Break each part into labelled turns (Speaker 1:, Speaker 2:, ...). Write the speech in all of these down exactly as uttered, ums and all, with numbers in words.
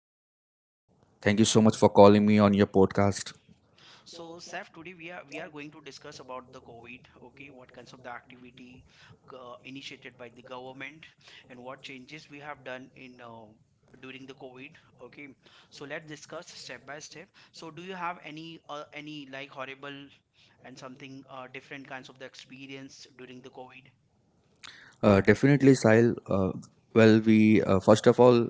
Speaker 1: hi Sahil. Thank you so much for calling me on your podcast.
Speaker 2: So, Saif, today we are we are going to discuss about the COVID. Okay, what kinds of the activity uh, initiated by the government, and what changes we have done in uh, during the COVID. Okay, so let's discuss step by step. So, do you have any uh, any like horrible and something uh, different kinds of the experience during the COVID?
Speaker 1: Uh, definitely, Sahil. Uh, well, we uh, first of all,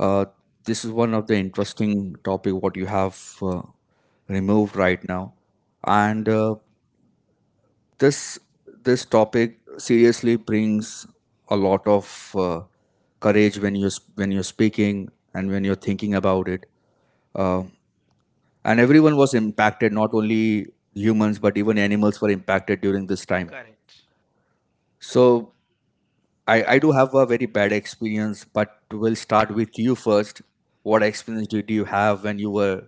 Speaker 1: uh, this is one of the interesting topic what you have uh, removed right now, and uh, this this topic seriously brings a lot of uh, courage when you when you're speaking and when you're thinking about it. Uh, and everyone was impacted, not only humans but even animals were impacted during this time.
Speaker 2: Correct.
Speaker 1: So I, I do have a very bad experience, but we'll start with you first. What experience did you have when you were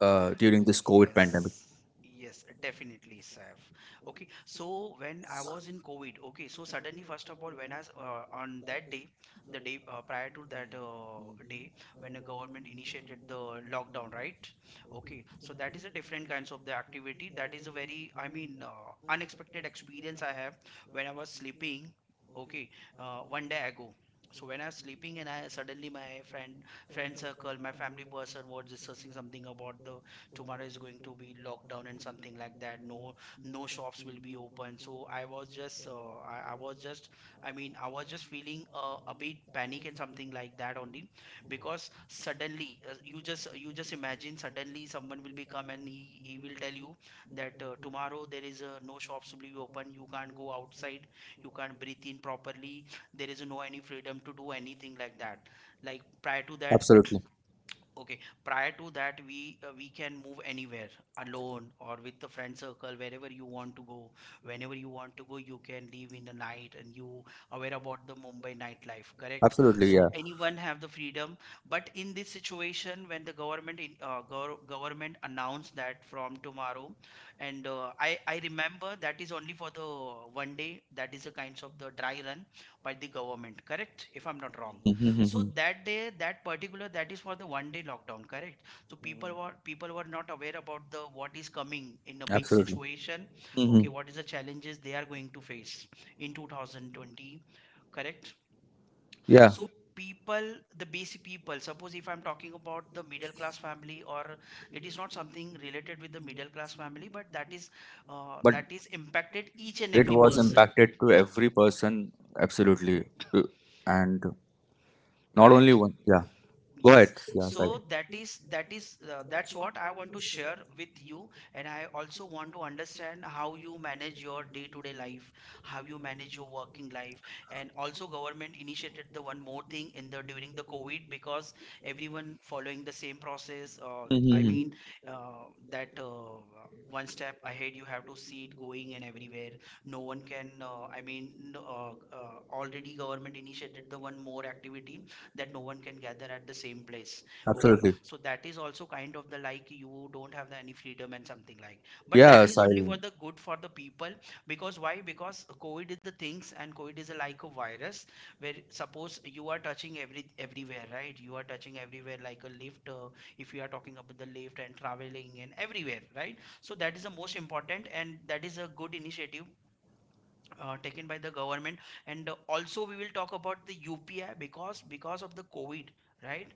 Speaker 1: uh, during this COVID pandemic?
Speaker 2: Yes, yes, definitely, Saif. Okay, so when I was in COVID, okay, so suddenly, first of all, when I s- uh, on that day, the day uh, prior to that uh, day, when the government initiated the lockdown, right? Okay, so that is a different kinds of the activity. That is a very, I mean, uh, unexpected experience I have when I was sleeping. Okay, uh, one day ago. So when I was sleeping and I suddenly my friend, friend circle, my family person was discussing something about the tomorrow is going to be lockdown and something like that, no no shops will be open. So I was just uh, I, I was just, I mean, I was just feeling uh, a bit panic and something like that only, because suddenly, uh, you just you just imagine suddenly someone will be come and he, he will tell you that uh, tomorrow there is uh, no shops will be open, you can't go outside, you can't breathe in properly, there is no any freedom to do anything like that, like prior to that.
Speaker 1: Absolutely,
Speaker 2: Okay. Prior to that, we uh, we can move anywhere alone or with the friend circle, wherever you want to go. Whenever you want to go, you can leave in the night, and you aware about the Mumbai nightlife, correct?
Speaker 1: absolutely,
Speaker 2: So
Speaker 1: yeah,
Speaker 2: anyone have the freedom. But in this situation, when the government in, uh, gov government announced that from tomorrow, and uh, I I remember that is only for the one day. That is a kind of the dry run by the government, correct? If I'm not wrong. So
Speaker 1: mm-hmm.
Speaker 2: that day, that particular, that is for the one day lockdown, correct? So people were people were not aware about the what is coming in a big
Speaker 1: Absolutely,
Speaker 2: situation.
Speaker 1: mm-hmm,
Speaker 2: Okay, what is the challenges they are going to face in two thousand twenty, correct? Yeah.
Speaker 1: yeah.
Speaker 2: So people, the basic people, suppose if I'm talking about the middle class family, or it is not something related with the middle class family, but that is uh,
Speaker 1: But
Speaker 2: that is impacted each and
Speaker 1: it
Speaker 2: every
Speaker 1: was
Speaker 2: person,
Speaker 1: impacted to every person, absolutely. Uh, and not only
Speaker 2: correct?
Speaker 1: one. Yeah, go
Speaker 2: Yes,
Speaker 1: ahead. Yeah, Sahil.
Speaker 2: so that is that is uh, that's what I want to share with you, and I also want to understand how you manage your day-to-day life, how you manage your working life, and also government initiated the one more thing in the during the COVID because everyone following the same process. Uh, I mm-hmm.
Speaker 1: Mm-hmm.
Speaker 2: mean uh, that uh, One step ahead you have to see it going and everywhere. No one can. Uh, I mean, no, uh, uh, already government initiated the one more activity that no one can gather at the same place. Okay,
Speaker 1: Absolutely,
Speaker 2: so that is also kind of the, like, you don't have the any freedom and something like, but
Speaker 1: yeah,
Speaker 2: that is only for
Speaker 1: Sahil.
Speaker 2: the good for the people. Because why? Because COVID is the things and COVID is a like a virus where suppose you are touching every everywhere, right? You are touching everywhere like a lift. Uh, if you are talking about the lift and traveling and everywhere, right? So that is the most important and that is a good initiative uh, taken by the government. And uh, also we will talk about the U P I, because because of the COVID, right,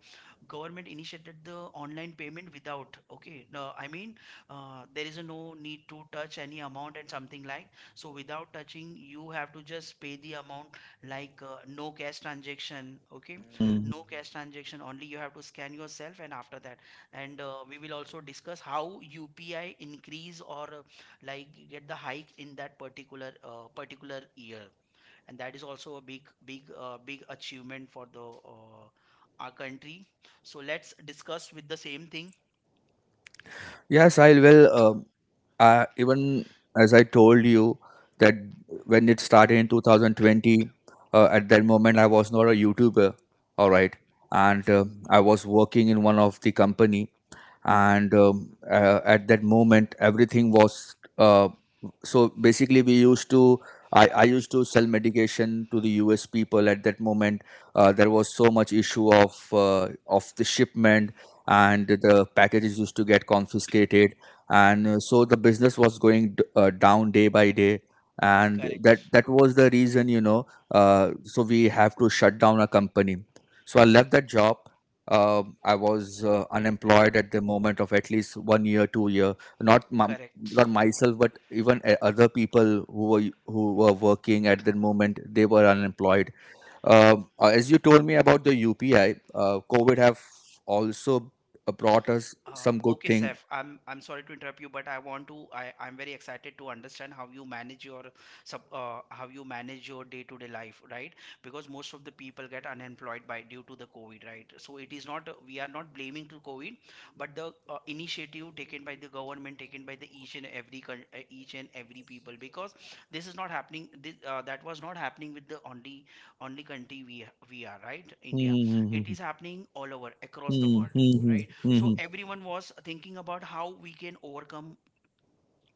Speaker 2: government initiated the online payment without, okay, no, I mean, uh, there is a no need to touch any amount and something like, so without touching you have to just pay the amount, like, uh, no cash transaction. Okay, no cash transaction only, you have to scan yourself and after that, and uh, we will also discuss how U P I increase or uh, like get the hike in that particular uh, particular year, and that is also a big big uh, big achievement for the uh, our country. So let's discuss with the same thing.
Speaker 1: Yes, I will. Um, I, even as I told you that when it started in two thousand twenty, uh, at that moment I was not a YouTuber, all right, and uh, I was working in one of the company. And um, uh, At that moment everything was uh, so basically we used to I, I used to sell medication to the us people at that moment. Uh, there was so much issue of uh, of the shipment, and the packages used to get confiscated. And uh, So the business was going d- uh, down day by day,
Speaker 2: And
Speaker 1: and
Speaker 2: correct, that,
Speaker 1: that that
Speaker 2: that was
Speaker 1: was
Speaker 2: the
Speaker 1: the reason
Speaker 2: reason,
Speaker 1: you
Speaker 2: you know,
Speaker 1: know uh, So we have to shut down a company, so I left that job. uh, I was uh, unemployed at the moment of at least one year, two year.
Speaker 2: not
Speaker 1: Not my,
Speaker 2: correct,
Speaker 1: not
Speaker 2: not myself,
Speaker 1: myself,
Speaker 2: but
Speaker 1: but
Speaker 2: even
Speaker 1: even uh,
Speaker 2: a-
Speaker 1: other
Speaker 2: other people
Speaker 1: people
Speaker 2: who
Speaker 1: who were
Speaker 2: were, who
Speaker 1: who were
Speaker 2: were working
Speaker 1: working
Speaker 2: at
Speaker 1: at the
Speaker 2: the moment.
Speaker 1: moment, they were unemployed. Um, uh, as you told me about the U P I, uh, COVID have also uh, brought us
Speaker 2: Uh,
Speaker 1: some good
Speaker 2: okay,
Speaker 1: thing.
Speaker 2: Saif, I'm I'm sorry to interrupt you, but I want to, I I'm very excited to understand how you manage your sub uh, how you manage your day-to-day life, right? Because most of the people get unemployed by due to the COVID, right? So it is not, we are not blaming to COVID, but the uh, initiative taken by the government, taken by the each and every coun- uh, each and every people, because this is not happening. This uh, that was not happening with the only only country we we are, right? India,
Speaker 1: Hmm,
Speaker 2: it
Speaker 1: hmm,
Speaker 2: is happening all over across the
Speaker 1: hmm,
Speaker 2: world,
Speaker 1: hmm, hmm,
Speaker 2: right?
Speaker 1: hmm,
Speaker 2: So
Speaker 1: hmm,
Speaker 2: everyone was thinking about how we can overcome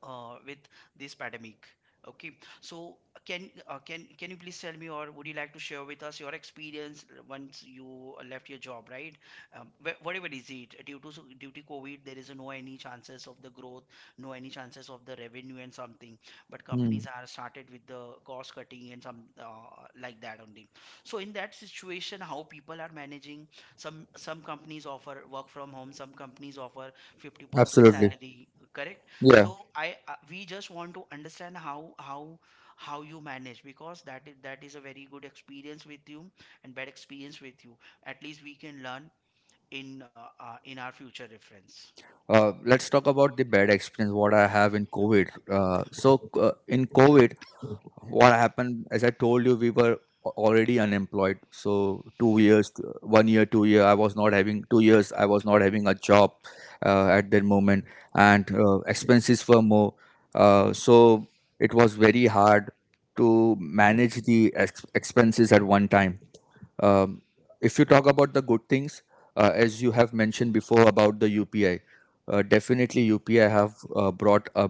Speaker 2: uh, with this pandemic. Okay, so can uh, can can you please tell me, or would you like to share with us your experience once you left your job, right? Um, wh- whatever is it, due to so- due to COVID, there is no any chances of the growth, no any chances of the revenue and something. But
Speaker 1: hmm, hmm.
Speaker 2: companies are started with the cost cutting and some uh, like that only. So in that situation, how people are managing? Some some companies offer work from home, some companies offer fifty percent
Speaker 1: Absolutely.
Speaker 2: salary, correct? So
Speaker 1: Yeah.
Speaker 2: I uh, we just want to understand how how how you manage, because that is that is a very good experience with you and bad experience with you. At least we can learn in uh, uh, in our future reference.
Speaker 1: Uh, let's talk about the bad experience what I have in COVID. Uh, so uh, in COVID, what happened? As I told you, we were a- already unemployed. So two years, uh, one year, two year. I was not having two years. I was not having a job uh, at that moment, and uh, expenses were more. Uh, so it was very hard to manage the ex- expenses at one time. um, if you talk about the good things, uh, as you have mentioned before about the U P I, uh, definitely U P I have uh, brought a,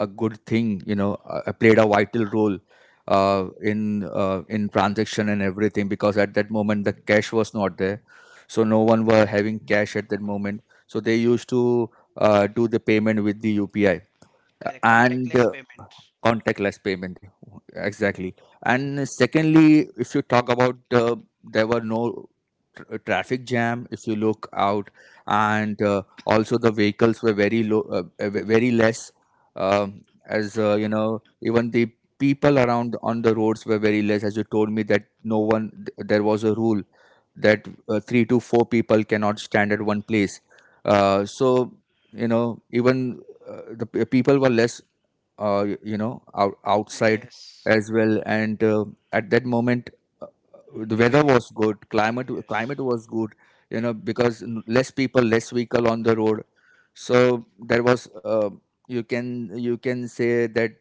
Speaker 1: a good thing. You know, uh, uh, played a vital role uh, in uh, in transaction and everything because at that moment the cash was not there, so no one were having cash at that moment. So they used to uh, do the payment with the U P I.
Speaker 2: Correct, and
Speaker 1: And uh,
Speaker 2: contactless payment.
Speaker 1: Contactless payment, exactly. And secondly, if you talk about, uh, there were no tr- traffic jam if you look out, and uh, also the vehicles were very low, uh, uh, ve- very less. Um, as uh, you know even the people around on the roads were very less, as you told me that no one th- there was a rule that uh, three to four people cannot stand at one place. uh, so you know Even uh, the p- people were less uh, y- you know out, outside
Speaker 2: Yes.
Speaker 1: as well, and uh, at that moment uh, the weather
Speaker 2: Even,
Speaker 1: was good. climate
Speaker 2: yes,
Speaker 1: climate was good, you know because n- less people, less vehicle on the road, so there was, uh, you can you can say that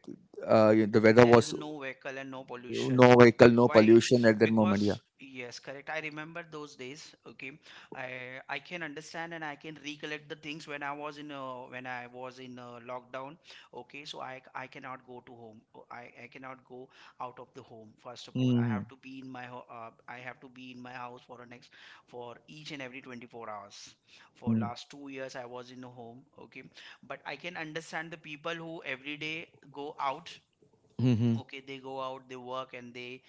Speaker 1: uh, the weather
Speaker 2: there is
Speaker 1: was
Speaker 2: no vehicle and no pollution.
Speaker 1: no vehicle,
Speaker 2: Bec-
Speaker 1: no
Speaker 2: why
Speaker 1: pollution at that moment.
Speaker 2: Because, yes, correct, I remember those days. Okay, i i can understand and I can recollect the things when I was in uh, when I was in uh, lockdown. Okay, so i i cannot go to home. Oh, i i cannot go out of the home. First of
Speaker 1: Yeah,
Speaker 2: all, I
Speaker 1: mm-hmm.
Speaker 2: have to be in my ho- uh, I have to be in my house for the next, for each and every twenty-four hours, for last two years I was in a home. Okay, but I can understand the people who every day go out.
Speaker 1: Mm-hmm.
Speaker 2: Okay, they go out, they work and they,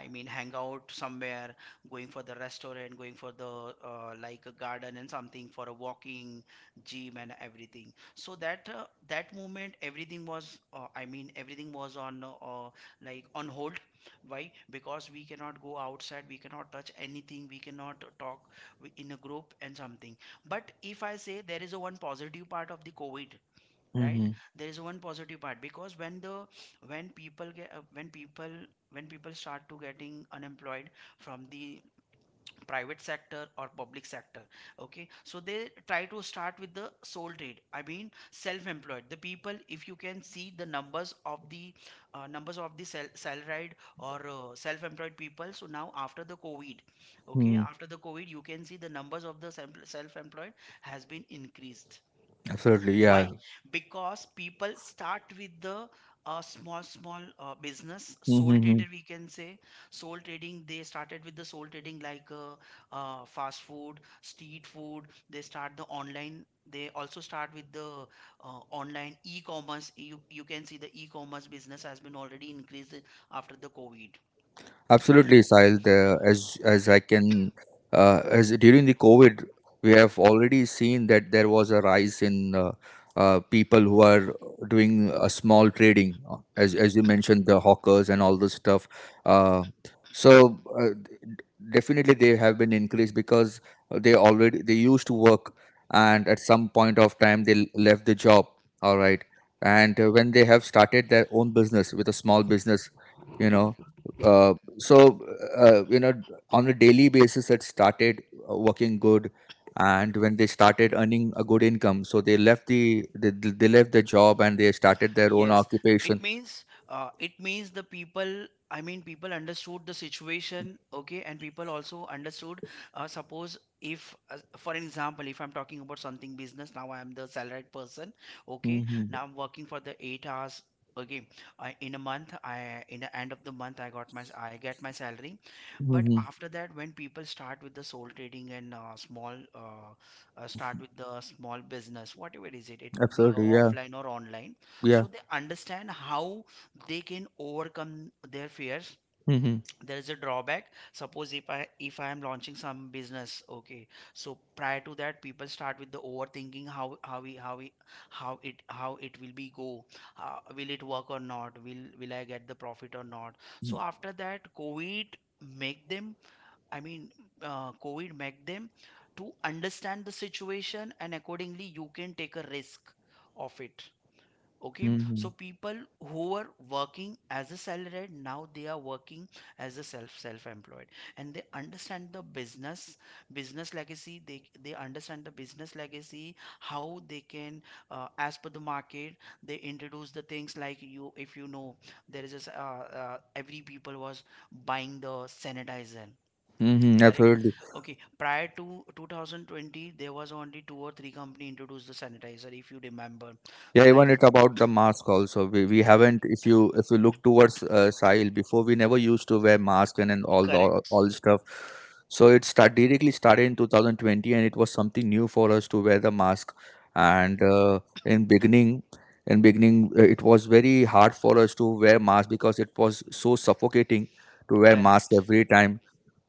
Speaker 2: I mean, hang out somewhere, going for the restaurant, going for the uh, like a garden and something for a walking, gym and everything. So that, uh, that moment everything was, uh, I mean everything was on uh, uh, like on hold. Why? Because we cannot go outside, we cannot touch anything, we cannot talk w- in a group and something. But if I say there is a one positive part of the COVID, right, there is one positive part, because when the when people get uh, when people when people start to getting unemployed from the private sector or public sector, okay, so they try to start with the sole trade, I mean self-employed. The people, if you can see the numbers of the uh, numbers of the sel salaried or uh, self-employed people, so now after the COVID, okay,
Speaker 1: Mm-hmm.
Speaker 2: after the COVID, you can see the numbers of the self- self-employed has been increased.
Speaker 1: Absolutely,
Speaker 2: Why?
Speaker 1: yeah.
Speaker 2: Because people start with the uh, small small uh, business, sole trader we can say, sole trading. They started with the sole trading, like, uh, uh, fast food, street food. They start the online, they also start with the uh, online e-commerce. You, you can see the e-commerce business has been already increased after the COVID, right?
Speaker 1: Absolutely, Sahil. The, as as I can, uh, as during the COVID, we have already seen that there was a rise in uh, uh, people who are doing a small trading, uh, as as you mentioned, the hawkers and all this stuff. Uh, so uh, Definitely they have been increased because they already they used to work, and at some point of time they l- left the job. All right, and uh, when they have started their own business with a small business, you know. uh, so uh, uh, you know on a daily basis it started uh, working good, and when they started earning a good income, so they left the they, they left the job and they started their own
Speaker 2: Yes, it
Speaker 1: occupation.
Speaker 2: means, uh, it means the people, I mean, people understood the situation, okay, and people also understood. Uh, suppose if, uh, for an example, if I'm talking about something business, now I am the salaried person, okay.
Speaker 1: Hmm,
Speaker 2: Now I'm working for the eight hours. Okay, I, in a month, I, in the end of the month, I got my I get my salary. But
Speaker 1: hmm.
Speaker 2: after that, when people start with the sole trading and uh, small, uh, uh, start with the small business, whatever is it, it would be a
Speaker 1: Absolutely, yeah,
Speaker 2: offline or online.
Speaker 1: yeah.
Speaker 2: So they understand how they can overcome their fears.
Speaker 1: Hmm,
Speaker 2: There is a drawback. Suppose if I if I am launching some business, okay. So prior to that, people start with the overthinking, how how we how we how it how it will be go. Uh, will it work or not? Will will I get the profit or not? So after that, COVID make them I mean, uh, COVID make them to understand the situation, and accordingly you can take a risk of it, okay.
Speaker 1: hmm,
Speaker 2: So people who were working as a salaried, now they are working as a self self employed, and they understand the business business legacy, they they understand the business legacy, how they can, uh, as per the market, they introduce the things, like, you, if you know, there is a, s- uh, uh, every people was buying the sanitizer.
Speaker 1: hmm.
Speaker 2: Correct.
Speaker 1: Absolutely.
Speaker 2: Okay. Prior to twenty twenty, there was only two or three company introduced the sanitizer, if you remember.
Speaker 1: Yeah, even
Speaker 2: Life.
Speaker 1: it about the mask also. We, we haven't, if you if you look towards, uh, Sahil, before we never used to wear mask, and, and all the all
Speaker 2: Correct.
Speaker 1: the stuff. So it start directly started in twenty twenty, and it was something new for us to wear the mask. And uh, in beginning, in beginning uh, it was very hard for us to wear mask because it was so suffocating to wear mask
Speaker 2: Correct.
Speaker 1: every time.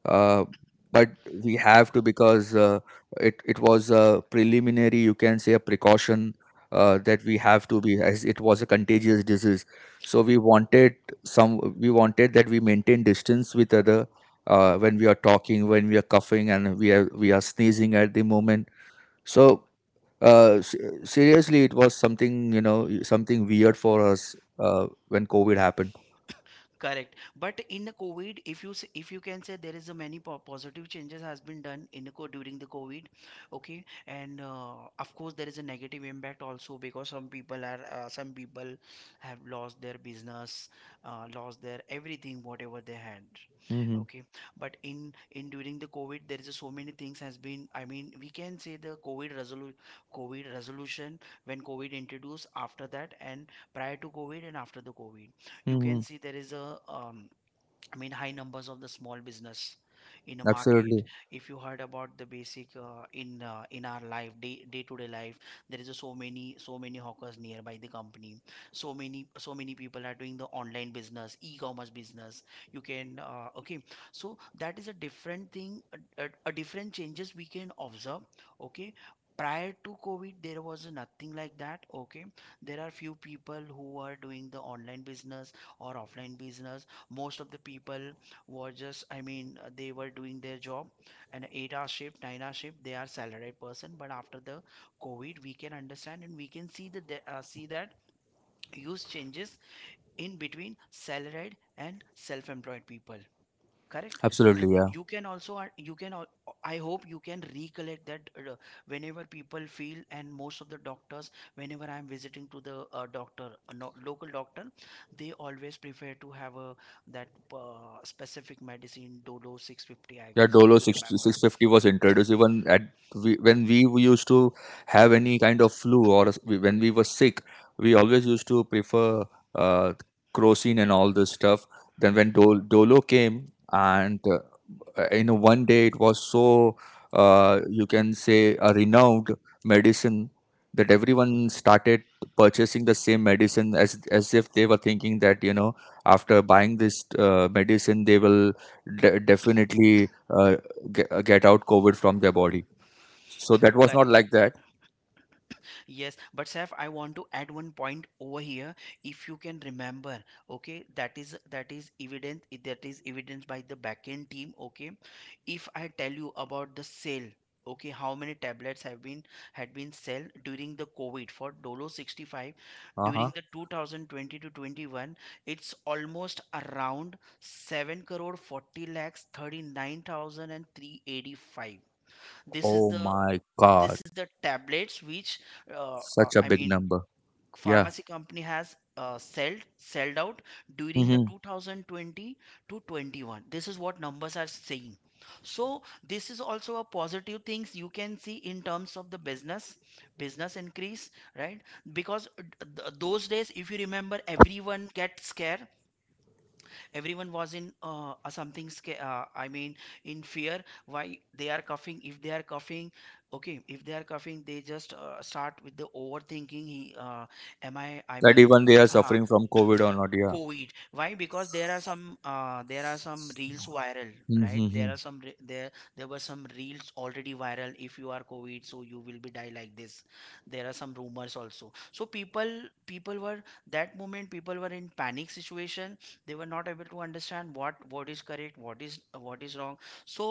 Speaker 1: uh, but we have to, because uh, it it was a preliminary, you can say, a precaution, uh, that we have to be, as it was a contagious disease. So we wanted some, we wanted that we maintain distance with other, uh, when we are talking, when we are coughing, and we are we are sneezing at the moment. So uh, s- seriously, it was something you know something weird for us uh, when COVID happened.
Speaker 2: Correct. But in the COVID, if you s- if you can say there is a many po positive changes has been done in the co during the COVID, okay, and, uh, of course there is a negative impact also, because some people are uh, some people have lost their business, uh, lost their everything whatever they had,
Speaker 1: Hmm,
Speaker 2: okay. But in in during the COVID, there is a so many things has been. I mean, we can say the COVID resolu COVID resolution, when COVID introduced, after that and prior to COVID and after the COVID, you
Speaker 1: hmm.
Speaker 2: can see there is a, um, I mean, high numbers of the small business in a market.
Speaker 1: Absolutely,
Speaker 2: If you heard about the basic, uh, in uh, in our life, day day to day life, there is a so many so many hawkers nearby the company. So many so many people are doing the online business, e-commerce business. You can, uh, okay, so that is a different thing, a, a, a different changes we can observe. Okay. Prior to COVID, there was nothing like that. Okay, there are few people who are doing the online business or offline business. Most of the people were just, i mean uh, they were doing their job, an eight hour shift, nine hour shift, they are salaried person, but after the COVID we can understand and we can see that the uh, see that huge changes in between salaried and self-employed people. Correct.
Speaker 1: absolutely,
Speaker 2: And
Speaker 1: yeah.
Speaker 2: you can also uh, you can al- I hope you can recollect that, uh, whenever people feel, and most of the doctors, whenever I am visiting to the, uh, doctor, a no, local doctor, they always prefer to have a, that, uh, specific medicine, dolo six fifty, I
Speaker 1: Yeah,
Speaker 2: guess,
Speaker 1: Dolo
Speaker 2: if you
Speaker 1: sixty,
Speaker 2: remember.
Speaker 1: six fifty was introduced even at, we, when we used to have any kind of flu, or s- we- when we were sick, we always used to prefer uh, crocin and all this stuff. Then when Dol, Dolo came, and uh, uh, in one day it was so, uh, you can say, a renowned medicine that everyone started purchasing the same medicine as as if they were thinking that you know after buying this uh, medicine they will de- definitely uh, get, get out covid from their body. So that was not
Speaker 2: Correct.
Speaker 1: like that.
Speaker 2: Yes, but Saf, I want to add one point over here. If you can remember, okay, that is that is evident, that is evidence by the backend team. Okay, if I tell you about the sale, okay, how many tablets have been had been sold during the COVID for Dolo sixty five during
Speaker 1: Uh-huh.
Speaker 2: the two thousand twenty to twenty one, it's almost around seven crore forty lakhs thirty nine thousand and three eighty five. This
Speaker 1: Oh
Speaker 2: is the
Speaker 1: my god,
Speaker 2: this is the tablets which, uh, uh,
Speaker 1: such a
Speaker 2: I
Speaker 1: big
Speaker 2: mean,
Speaker 1: number. Yeah.
Speaker 2: pharmacy company has, uh, sold sold out during the
Speaker 1: Hmm.
Speaker 2: two thousand twenty to twenty one. This is what numbers are saying. So this is also a positive things you can see in terms of the business business increase, right? Because uh, th- those days, if you remember, everyone gets scared, everyone was in, uh, a something, sca- uh, I mean, in fear. Why they are coughing, if they are coughing, okay, if they are coughing, they just, uh, start with the overthinking, he, uh, am i i
Speaker 1: That
Speaker 2: mean,
Speaker 1: even they are
Speaker 2: uh,
Speaker 1: suffering from covid or not. Yeah.
Speaker 2: COVID. Why? Because there are some uh, there are some reels viral, right? there
Speaker 1: Hmm.
Speaker 2: are some re- there there were some reels already viral, if you are COVID, so you will be die like this. There are some rumors also. So people, people were that moment people were in panic situation. They were not able to understand what what is correct, what is what is wrong. So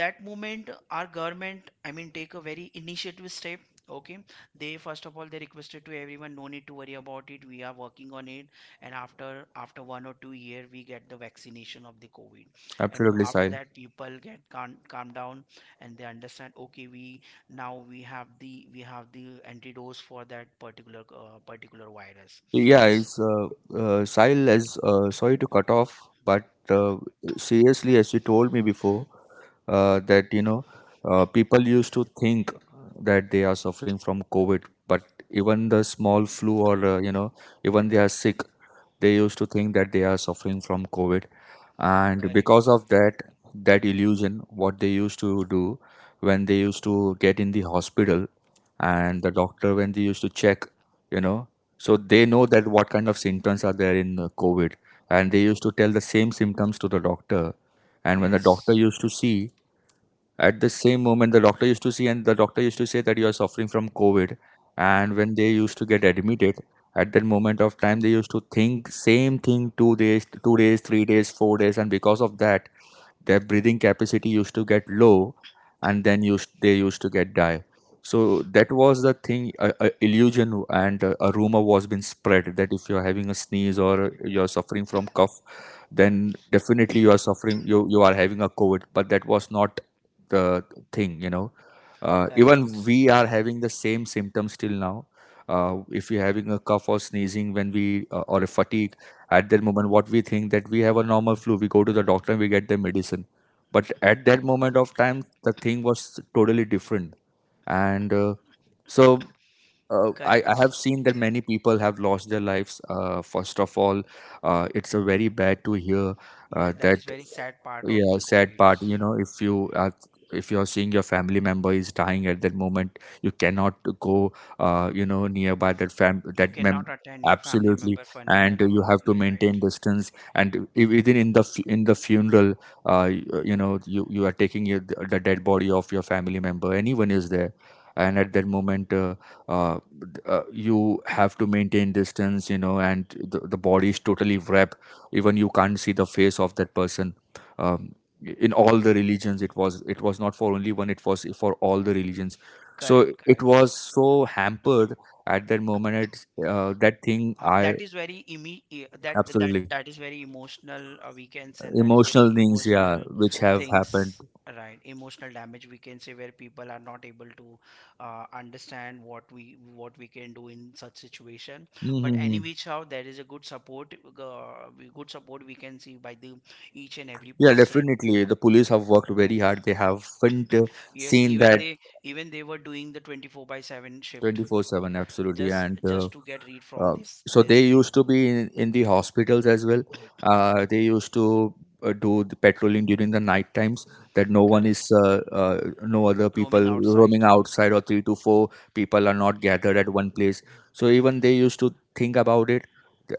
Speaker 2: that moment, our government, I mean, take a very initiative step. Okay, they, first of all, they requested to everyone, no need to worry about it, we are working on it. And after after one or two year we get the vaccination of the COVID. And
Speaker 1: Absolutely,
Speaker 2: after
Speaker 1: Sai.
Speaker 2: that, people get calm, calm down, and they understand, okay, we now we have the we have the antidote for that particular, uh, particular virus.
Speaker 1: Yeah, it's uh, uh, Sahil, is uh, sorry to cut off, but uh, seriously, as you told me before, uh, that you know, uh, people used to think that they are suffering from COVID, but even the small flu, or uh, you know, even they are sick, they used to think that they are suffering from COVID, and
Speaker 2: Correct.
Speaker 1: because of that, that illusion, what they used to do when they used to get in the hospital, and the doctor when they used to check, you know, so they know that what kind of symptoms are there in, uh, COVID, and they used to tell the same symptoms to the doctor, and when the doctor
Speaker 2: Yes.
Speaker 1: used to see at the same moment, the doctor used to see, and the doctor used to say that you are suffering from COVID. And when they used to get admitted, at that moment of time, they used to think same thing two days, two days, three days, four days, and because of that, their breathing capacity used to get low, and then used they used to get die. So that was the thing, a, a illusion, and a, a rumor was being spread, that if you're having a sneeze or you're suffering from cough, then definitely you are suffering you you are having a covid. But that was not the thing you know uh, Even
Speaker 2: Correct.
Speaker 1: we are having the same symptoms till now. Uh, if you're having a cough or sneezing, when we uh, or a fatigue, at that moment what we think that we have a normal flu, we go to the doctor and we get the medicine. But at that moment of time, the thing was totally different, and uh, so uh, I, I
Speaker 2: Correct.
Speaker 1: have seen that many people have lost their lives uh, first of all. Uh, it's a very bad to hear
Speaker 2: Yes,
Speaker 1: uh,
Speaker 2: that
Speaker 1: that.
Speaker 2: is very sad part of the
Speaker 1: yeah sad
Speaker 2: COVID.
Speaker 1: part you know if you are If you're seeing your family member is dying, at that moment you cannot go, uh, you know nearby that fam that mem—
Speaker 2: Cannot attend your family
Speaker 1: Absolutely.
Speaker 2: member funeral and
Speaker 1: And
Speaker 2: all,
Speaker 1: you have to
Speaker 2: right?
Speaker 1: maintain distance, and e- even in the fu- in the funeral, uh, you, you know you you are taking your, the dead body of your family member, anyone is there. And at that moment, uh, uh, uh, you have to maintain distance you know and the, the body is totally wrapped, even you can't see the face of that person. um, in all the religions, it was it was not for only one, it was for all the religions. So
Speaker 2: Correct,
Speaker 1: it
Speaker 2: correct.
Speaker 1: was so hampered at that moment. It's, uh, that thing
Speaker 2: Uh,
Speaker 1: I—
Speaker 2: that is very imi- e- that that
Speaker 1: Absolutely,
Speaker 2: that is very emotional, uh, we can say, and that is very
Speaker 1: emotional things, yeah,
Speaker 2: emotional
Speaker 1: which have happened.
Speaker 2: things, right? Emotional damage we can say, where people are not able to, uh, understand what we what we can do in such situation. But any
Speaker 1: Hmm,
Speaker 2: which how, there is a good support, uh, we- good support we can see by the each and every
Speaker 1: yeah,
Speaker 2: person.
Speaker 1: definitely the police have worked very hard, they have not
Speaker 2: Yes,
Speaker 1: seen
Speaker 2: even
Speaker 1: that.
Speaker 2: they even they were doing the twenty four by seven shift,
Speaker 1: twenty four seven, absolutely
Speaker 2: just
Speaker 1: and uh,
Speaker 2: just to get read from
Speaker 1: Uh,
Speaker 2: this
Speaker 1: so they
Speaker 2: this thing.
Speaker 1: used to be in, in the hospitals as well. Uh, they used to uh, do the patrolling during the night times, that no one is,
Speaker 2: Correct.
Speaker 1: uh, uh, no other
Speaker 2: Roaming
Speaker 1: people
Speaker 2: outside.
Speaker 1: roaming outside, or three to four people are not gathered at one place. So even they used to think about it,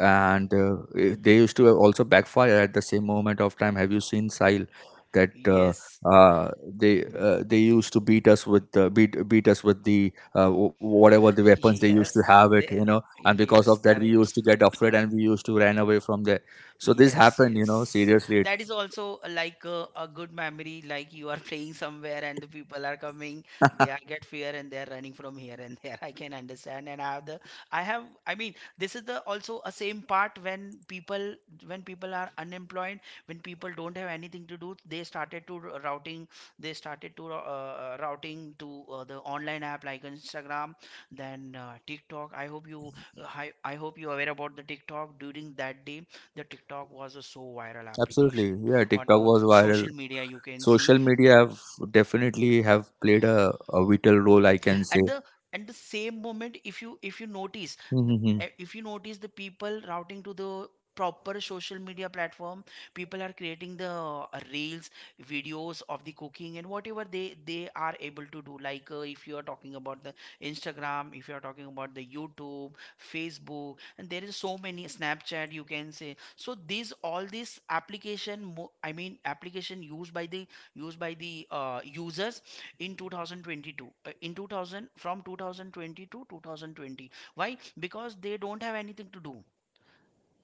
Speaker 1: and uh, eh, they used to also backfire at the same moment of time. Have you seen Sile? That uh,
Speaker 2: Yes.
Speaker 1: uh, they uh, they used to beat us with uh, beat beat us with the uh, wh- whatever the weapons they used
Speaker 2: Yes,
Speaker 1: to have it
Speaker 2: they,
Speaker 1: you know And because
Speaker 2: yes,
Speaker 1: of that we
Speaker 2: correct.
Speaker 1: used to get afraid and we used to run away from
Speaker 2: This.
Speaker 1: there. So this
Speaker 2: Yes,
Speaker 1: happened, you know,
Speaker 2: yes.
Speaker 1: seriously It,
Speaker 2: That is games. Also, uh, like a, a good memory. Like, you are playing somewhere and the people are coming, they are get fear and they are running from here and there. I can understand. And I have the, I have, I mean, this is the also a same part, when people, when people are unemployed, when people don't have anything to do, they started to, r- routing they started to uh, uh, routing to, uh, the online app like Instagram, then, uh, TikTok. I hope you uh, I, I hope you are aware about the TikTok. During that day, the TikTok was a so viral
Speaker 1: Absolutely,
Speaker 2: application
Speaker 1: yeah,
Speaker 2: on
Speaker 1: tiktok
Speaker 2: our
Speaker 1: was viral.
Speaker 2: social media. You can see.
Speaker 1: Social media have definitely have played a, a vital role, I can say.
Speaker 2: and the and the same moment, if you if you notice the- eh, if you notice the people routing to the proper social media platform, people are creating the, uh, reels, videos of the cooking and whatever they they are able to do, like, uh, if you are talking about the Instagram, if you are talking about the YouTube, Facebook, and there is so many Snapchat, you can say. So these, all these application mo- I mean, application used by the, used by the uh, users in twenty twenty two, uh, in two thousand, from two thousand twenty to two thousand twenty, why, because they don't have anything to do.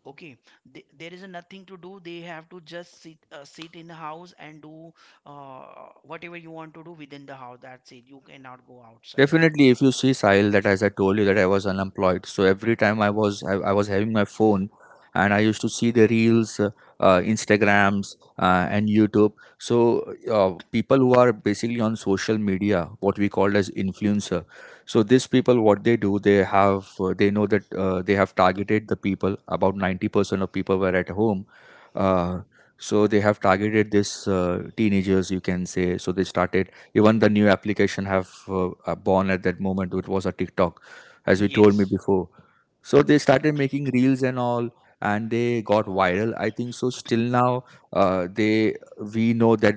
Speaker 2: Okay. Th There is nothing to do, they have to just, sit uh, sit in the house and do, uh, whatever you want to do within the house, that's it, you cannot go outside.
Speaker 1: Definitely, if you see Sahil, that as I told you that I was unemployed, so every time I was I, I was having my phone, and I used to see the reels, uh, uh, Instagrams, uh, and YouTube. So uh, people who are basically on social media, what we call as influencer. So these people, what they do, they have uh, they know that uh, they have targeted the people. About ninety percent of people were at home. Uh, so they have targeted this uh, teenagers, you can say. So they started, even the new application have uh, uh, born at that moment, it was a tiktok, as you told me
Speaker 2: Yes.
Speaker 1: before. So they started making reels and all, and they got viral, I think so still now. Uh, they we know that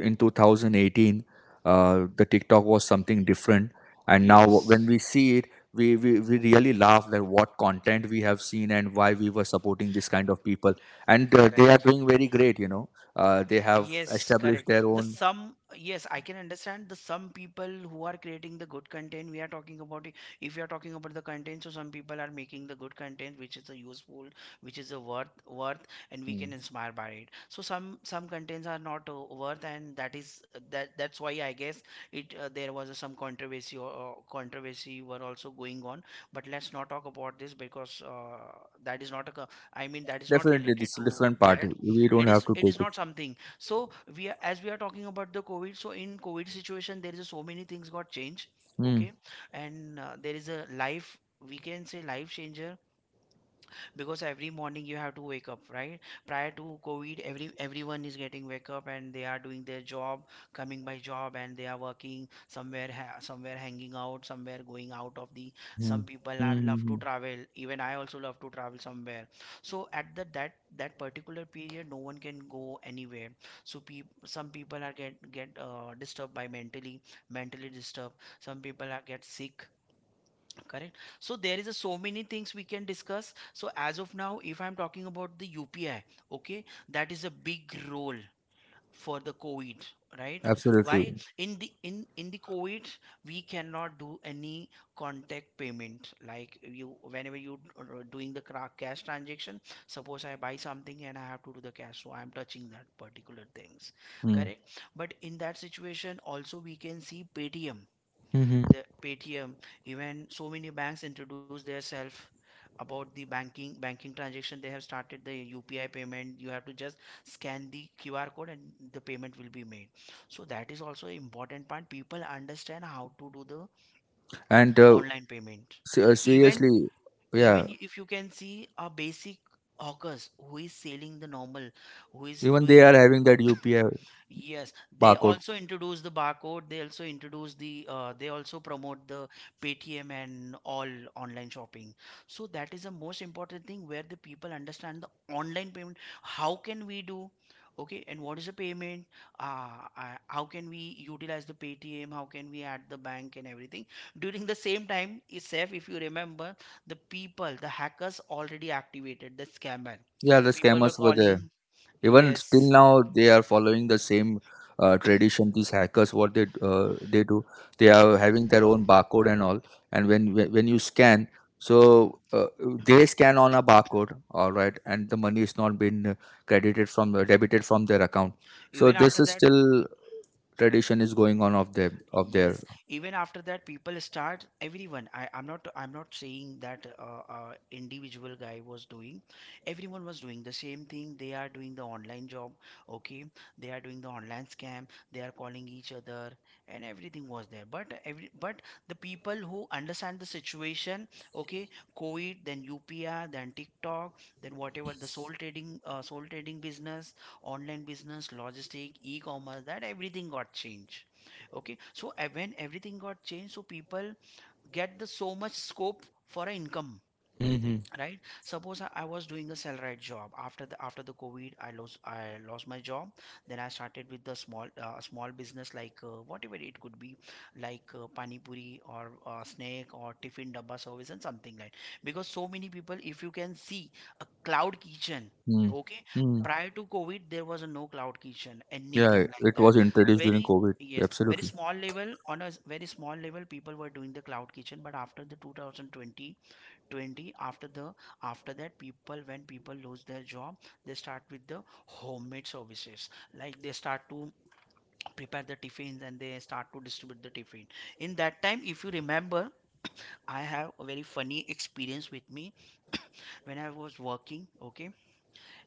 Speaker 1: in two thousand eighteen, uh, the tiktok was something different. And now
Speaker 2: Yes.
Speaker 1: when we see it, we, we, we really laugh that what content we have seen and why we were supporting this kind of people. And uh, they are
Speaker 2: Correct.
Speaker 1: doing very great, you know. Uh, they have
Speaker 2: Yes,
Speaker 1: established
Speaker 2: correct.
Speaker 1: their
Speaker 2: The
Speaker 1: own.
Speaker 2: some, yes, I can understand, the some people who are creating the good content. We are talking about it. If you are talking about the content, so some people are making the good content, which is a useful, which is a worth worth, and we can
Speaker 1: mm,
Speaker 2: inspire by it. So some some contents are not, uh, worth, and that is that that's why I guess it, uh, there was, uh, some controversy or, or controversy were also going on. But let's not talk about this, because, uh, that is not a, co- I mean, that is not
Speaker 1: Definitely,
Speaker 2: related
Speaker 1: this
Speaker 2: to
Speaker 1: different party,
Speaker 2: that,
Speaker 1: we don't
Speaker 2: it is
Speaker 1: have to
Speaker 2: it
Speaker 1: take
Speaker 2: is
Speaker 1: it.
Speaker 2: not something, so we are as we are talking about the COVID, so in COVID situation, there is so many things got changed,
Speaker 1: Hmm.
Speaker 2: okay. And, uh, there is a life, we can say life changer, because every morning you have to wake up, right? Prior to COVID, every everyone is getting wake up and they are doing their job, coming by job, and they are working somewhere, ha- somewhere hanging out, somewhere going out of the,
Speaker 1: Hmm.
Speaker 2: some people
Speaker 1: Hmm.
Speaker 2: are
Speaker 1: Hmm,
Speaker 2: love to
Speaker 1: hmm.
Speaker 2: travel, even I also love to travel somewhere. So at the that that particular period no one can go anywhere. So pe Some people are get get uh, disturbed by mentally, mentally disturbed, some people are get sick. Correct. So there is a so many things we can discuss. So as of now, if I'm talking about the U P I, okay, that is a big role for the COVID, right? Why?
Speaker 1: Absolutely.
Speaker 2: In the in in the COVID, we cannot do any contact payment. Like, you, whenever you are doing the, cra- cash transaction, suppose I buy something and I have to do the cash, so I'm touching that particular things,
Speaker 1: Hmm.
Speaker 2: correct? But in that situation, also we can see Paytm,
Speaker 1: Hmm. Hmm.
Speaker 2: the Paytm, even so many banks introduce themselves about the banking banking transaction. They have started the U P I payment. You have to just scan the Q R code and the payment will be made. So that is also an important part. People understand how to do the
Speaker 1: And uh,
Speaker 2: online payment.
Speaker 1: se- uh,
Speaker 2: Even
Speaker 1: seriously, yeah.
Speaker 2: even if you can see a basic hawkers who is selling the normal, who is
Speaker 1: Even they
Speaker 2: doing
Speaker 1: are having that U P I
Speaker 2: Yes, they
Speaker 1: barcode.
Speaker 2: also introduce the barcode. They also introduce the. Uh, they also promote the Paytm and all, online shopping. So that is the most important thing where the people understand the online payment. How can we do? Okay, and what is the payment? Uh, uh, how can we utilize the Paytm? How can we add the bank and everything? During the same time, is safe if you remember the people the hackers already activated the scammer
Speaker 1: Yeah, the
Speaker 2: people were
Speaker 1: scammers were there.
Speaker 2: calling
Speaker 1: Even still
Speaker 2: yes,
Speaker 1: now, they are following the same uh, tradition. These hackers, what they uh, they do, they are having their own barcode and all. And when when when you scan, so uh, they scan on a barcode, all right, and the money is not been credited from uh, debited from their account. So
Speaker 2: even
Speaker 1: this
Speaker 2: after
Speaker 1: is
Speaker 2: that.
Speaker 1: still tradition is going on of them of their.
Speaker 2: Yes. Even after that, people start everyone. I, I'm not I'm not saying that uh, uh, individual guy was doing. Everyone was doing the same thing. They are doing the online job. Okay. They are doing the online scam. They are calling each other, and everything was there. But every but the people who understand the situation. Okay. COVID, then U P I, then TikTok, then whatever the soul trading, uh, soul trading business, online business, logistic, e-commerce, that everything got changed. Okay, so uh, when everything got changed, so people get the so much scope for a income,
Speaker 1: Hmm.
Speaker 2: right? Suppose i I was doing a salaried job. After the after the COVID, i lost i lost my job. Then I started with the small uh, small business, like uh, whatever it could be, like uh, pani puri or uh, snack or tiffin dabba service and something like, because so many people, if you can see, a cloud kitchen.
Speaker 1: Mm.
Speaker 2: Okay.
Speaker 1: Mm.
Speaker 2: Prior to COVID, there was no cloud kitchen anything
Speaker 1: Yeah,
Speaker 2: like
Speaker 1: it
Speaker 2: that.
Speaker 1: was introduced during
Speaker 2: Very
Speaker 1: COVID.
Speaker 2: yes, very
Speaker 1: Absolutely.
Speaker 2: small level, on a s- very small level people were doing the cloud kitchen, but after the two thousand twenty, twenty, after the after that, people when people lose their job, they start with the homemade services, like they start to prepare the tiffins and they start to distribute the tiffin. In that time, if you remember, I have a very funny experience with me. When I was working, okay,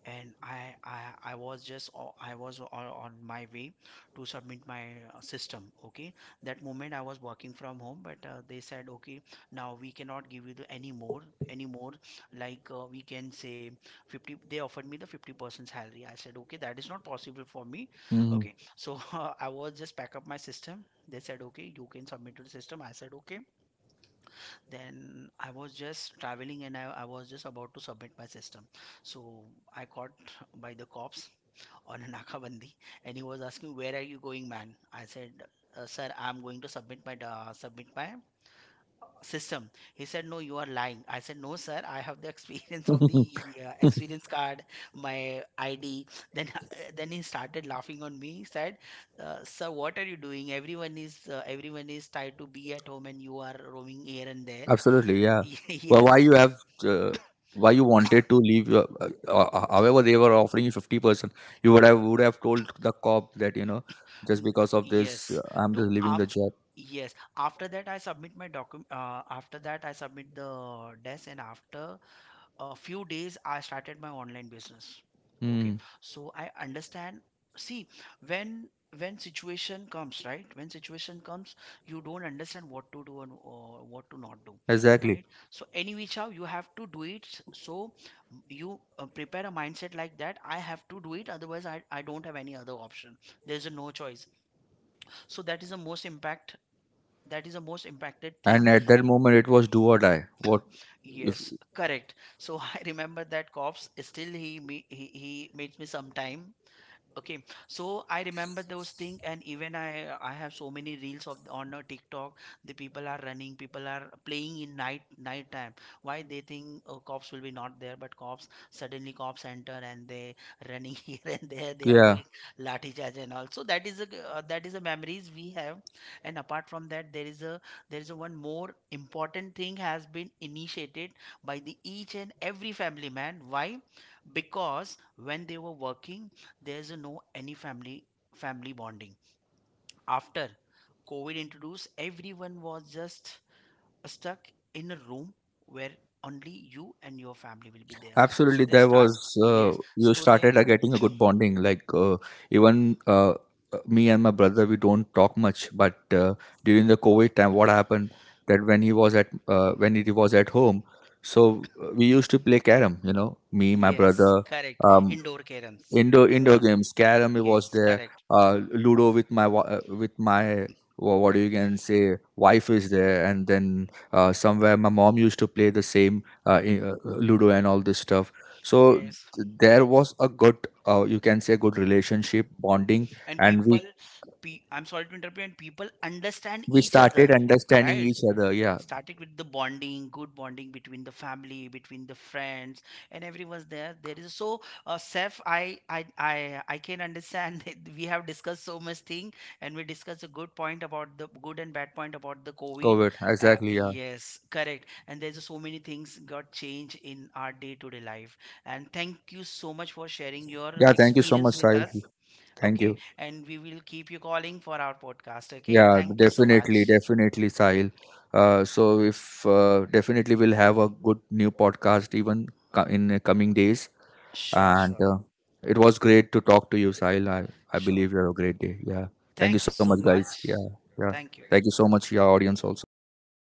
Speaker 2: and I I, I was just o- I was o- on my way to submit my uh, system. Okay, that moment I was working from home, but uh, they said, okay, now we cannot give you the any more any more like uh, we can say fifty. They offered me the fifty percent salary. I said, okay, that is not possible for me.
Speaker 1: Mm.
Speaker 2: Okay, so I was just pack up my system. They said, okay, you can submit to the system. I said, okay. Then I was just traveling and I, I was just about to submit my system. So I caught by the cops on a nakabandi, and he was asking, "Where are you going, man?" I said, uh, "Sir, I'm going to submit my uh, submit my system." He said, "No, you are lying." I said, "No, sir, I have the experience of the uh, experience card, my id." Then then he started laughing on me. He said, uh, "Sir, what are you doing? Everyone is uh, everyone is tired to be at home, and you are roaming here and there."
Speaker 1: Absolutely, yeah. But
Speaker 2: Yes.
Speaker 1: why you have uh, why you wanted to leave? Your, uh, uh, uh, however, they were offering you fifty percent. You would have would have told the cop that, you know, just
Speaker 2: N-
Speaker 1: because of
Speaker 2: yes
Speaker 1: this, uh, I'm
Speaker 2: no
Speaker 1: just leaving
Speaker 2: af
Speaker 1: the job.
Speaker 2: yes After that, I submit my document. Uh, after that, I submit the desk, and after a few days, I started my online business. Okay,
Speaker 1: Hmm.
Speaker 2: so I understand, see, when when situation comes, right? When situation comes, you don't understand what to do and uh, what to not do,
Speaker 1: Exactly.
Speaker 2: right? Exactly. So any which how you have to do it s- so m- you uh, prepare a mindset like that, I have to do it, otherwise i, I don't have any other option. There's a no choice. So that is the most impact, that is the most impacted
Speaker 1: And
Speaker 2: thing.
Speaker 1: at that moment, it was do or die. What? If,
Speaker 2: Yes, correct. So I remember that cops still he me he, he meets me sometime. Okay, so I remember those things, and even I I have so many reels of on uh, TikTok. The people are running, people are playing in night night time. Why they think, oh, cops will be not there, but cops suddenly cops enter and they running here and there. They are
Speaker 1: yeah.
Speaker 2: doing lathi charge and all. So that is a g- uh, that is a memories we have. And apart from that, there is a there is a one more important thing has been initiated by the each and every family man. Why? Because when they were working, there's a no any family family bonding. After COVID introduced, everyone was just stuck in a room where only you and your family will be there. So
Speaker 1: Absolutely,
Speaker 2: they
Speaker 1: there
Speaker 2: start,
Speaker 1: was uh,
Speaker 2: yes,
Speaker 1: you
Speaker 2: so they,
Speaker 1: started uh, getting a good bonding. Like uh, even uh, uh, Me and my brother, we don't talk much. But uh, during the COVID time, what happened that when he was at uh, when he was at home, so uh, we used to play carom. You know, me, my Yes.
Speaker 2: yes,
Speaker 1: brother,
Speaker 2: correct,
Speaker 1: um,
Speaker 2: indoor caroms,
Speaker 1: indoor indoor
Speaker 2: indoor
Speaker 1: games, carrom
Speaker 2: ca-
Speaker 1: was
Speaker 2: games,
Speaker 1: there.
Speaker 2: correct,
Speaker 1: uh, Ludo with my wa- uh, with my wha- what do you can say, wife is there. And then uh, somewhere my mom used to play the same uh, i- uh, ludo and all this stuff. So
Speaker 2: yes.
Speaker 1: th- there was a good, uh, you can say, good relationship bonding.
Speaker 2: And
Speaker 1: And we
Speaker 2: people, pe I'm sorry to interrupt you, and people understand
Speaker 1: we
Speaker 2: each other,
Speaker 1: started understanding
Speaker 2: right?
Speaker 1: each other, yeah.
Speaker 2: Starting with the bonding, good bonding between the family, between the friends, and everyone's there. There is so, uh, Seth, I I I I can understand that we have discussed so much thing, and we discussed a good point about the good and bad point about the COVID.
Speaker 1: Covid,
Speaker 2: uh,
Speaker 1: exactly, yeah.
Speaker 2: yes, correct. And there's so many things got changed in our day-to-day life. And thank you so much for sharing your
Speaker 1: Yeah, thank you so
Speaker 2: experience
Speaker 1: much,
Speaker 2: with
Speaker 1: Sahil.
Speaker 2: us.
Speaker 1: Thank
Speaker 2: Okay.
Speaker 1: you.
Speaker 2: And we will keep you calling for our podcast. Okay.
Speaker 1: Yeah,
Speaker 2: Thank you so
Speaker 1: definitely,
Speaker 2: much.
Speaker 1: definitely, Sahil. Uh, so if uh, definitely we'll have a good new podcast even co- in uh, coming days.
Speaker 2: Sure,
Speaker 1: And
Speaker 2: sure,
Speaker 1: uh, it was great to talk to you, Sahil. I, I
Speaker 2: sure.
Speaker 1: believe you have a great day. Yeah. Thank you
Speaker 2: Thank you
Speaker 1: so much,
Speaker 2: so
Speaker 1: guys. Yeah.
Speaker 2: much.
Speaker 1: Yeah.
Speaker 2: Thank you.
Speaker 1: Thank you so much, your audience also. Yeah. Have a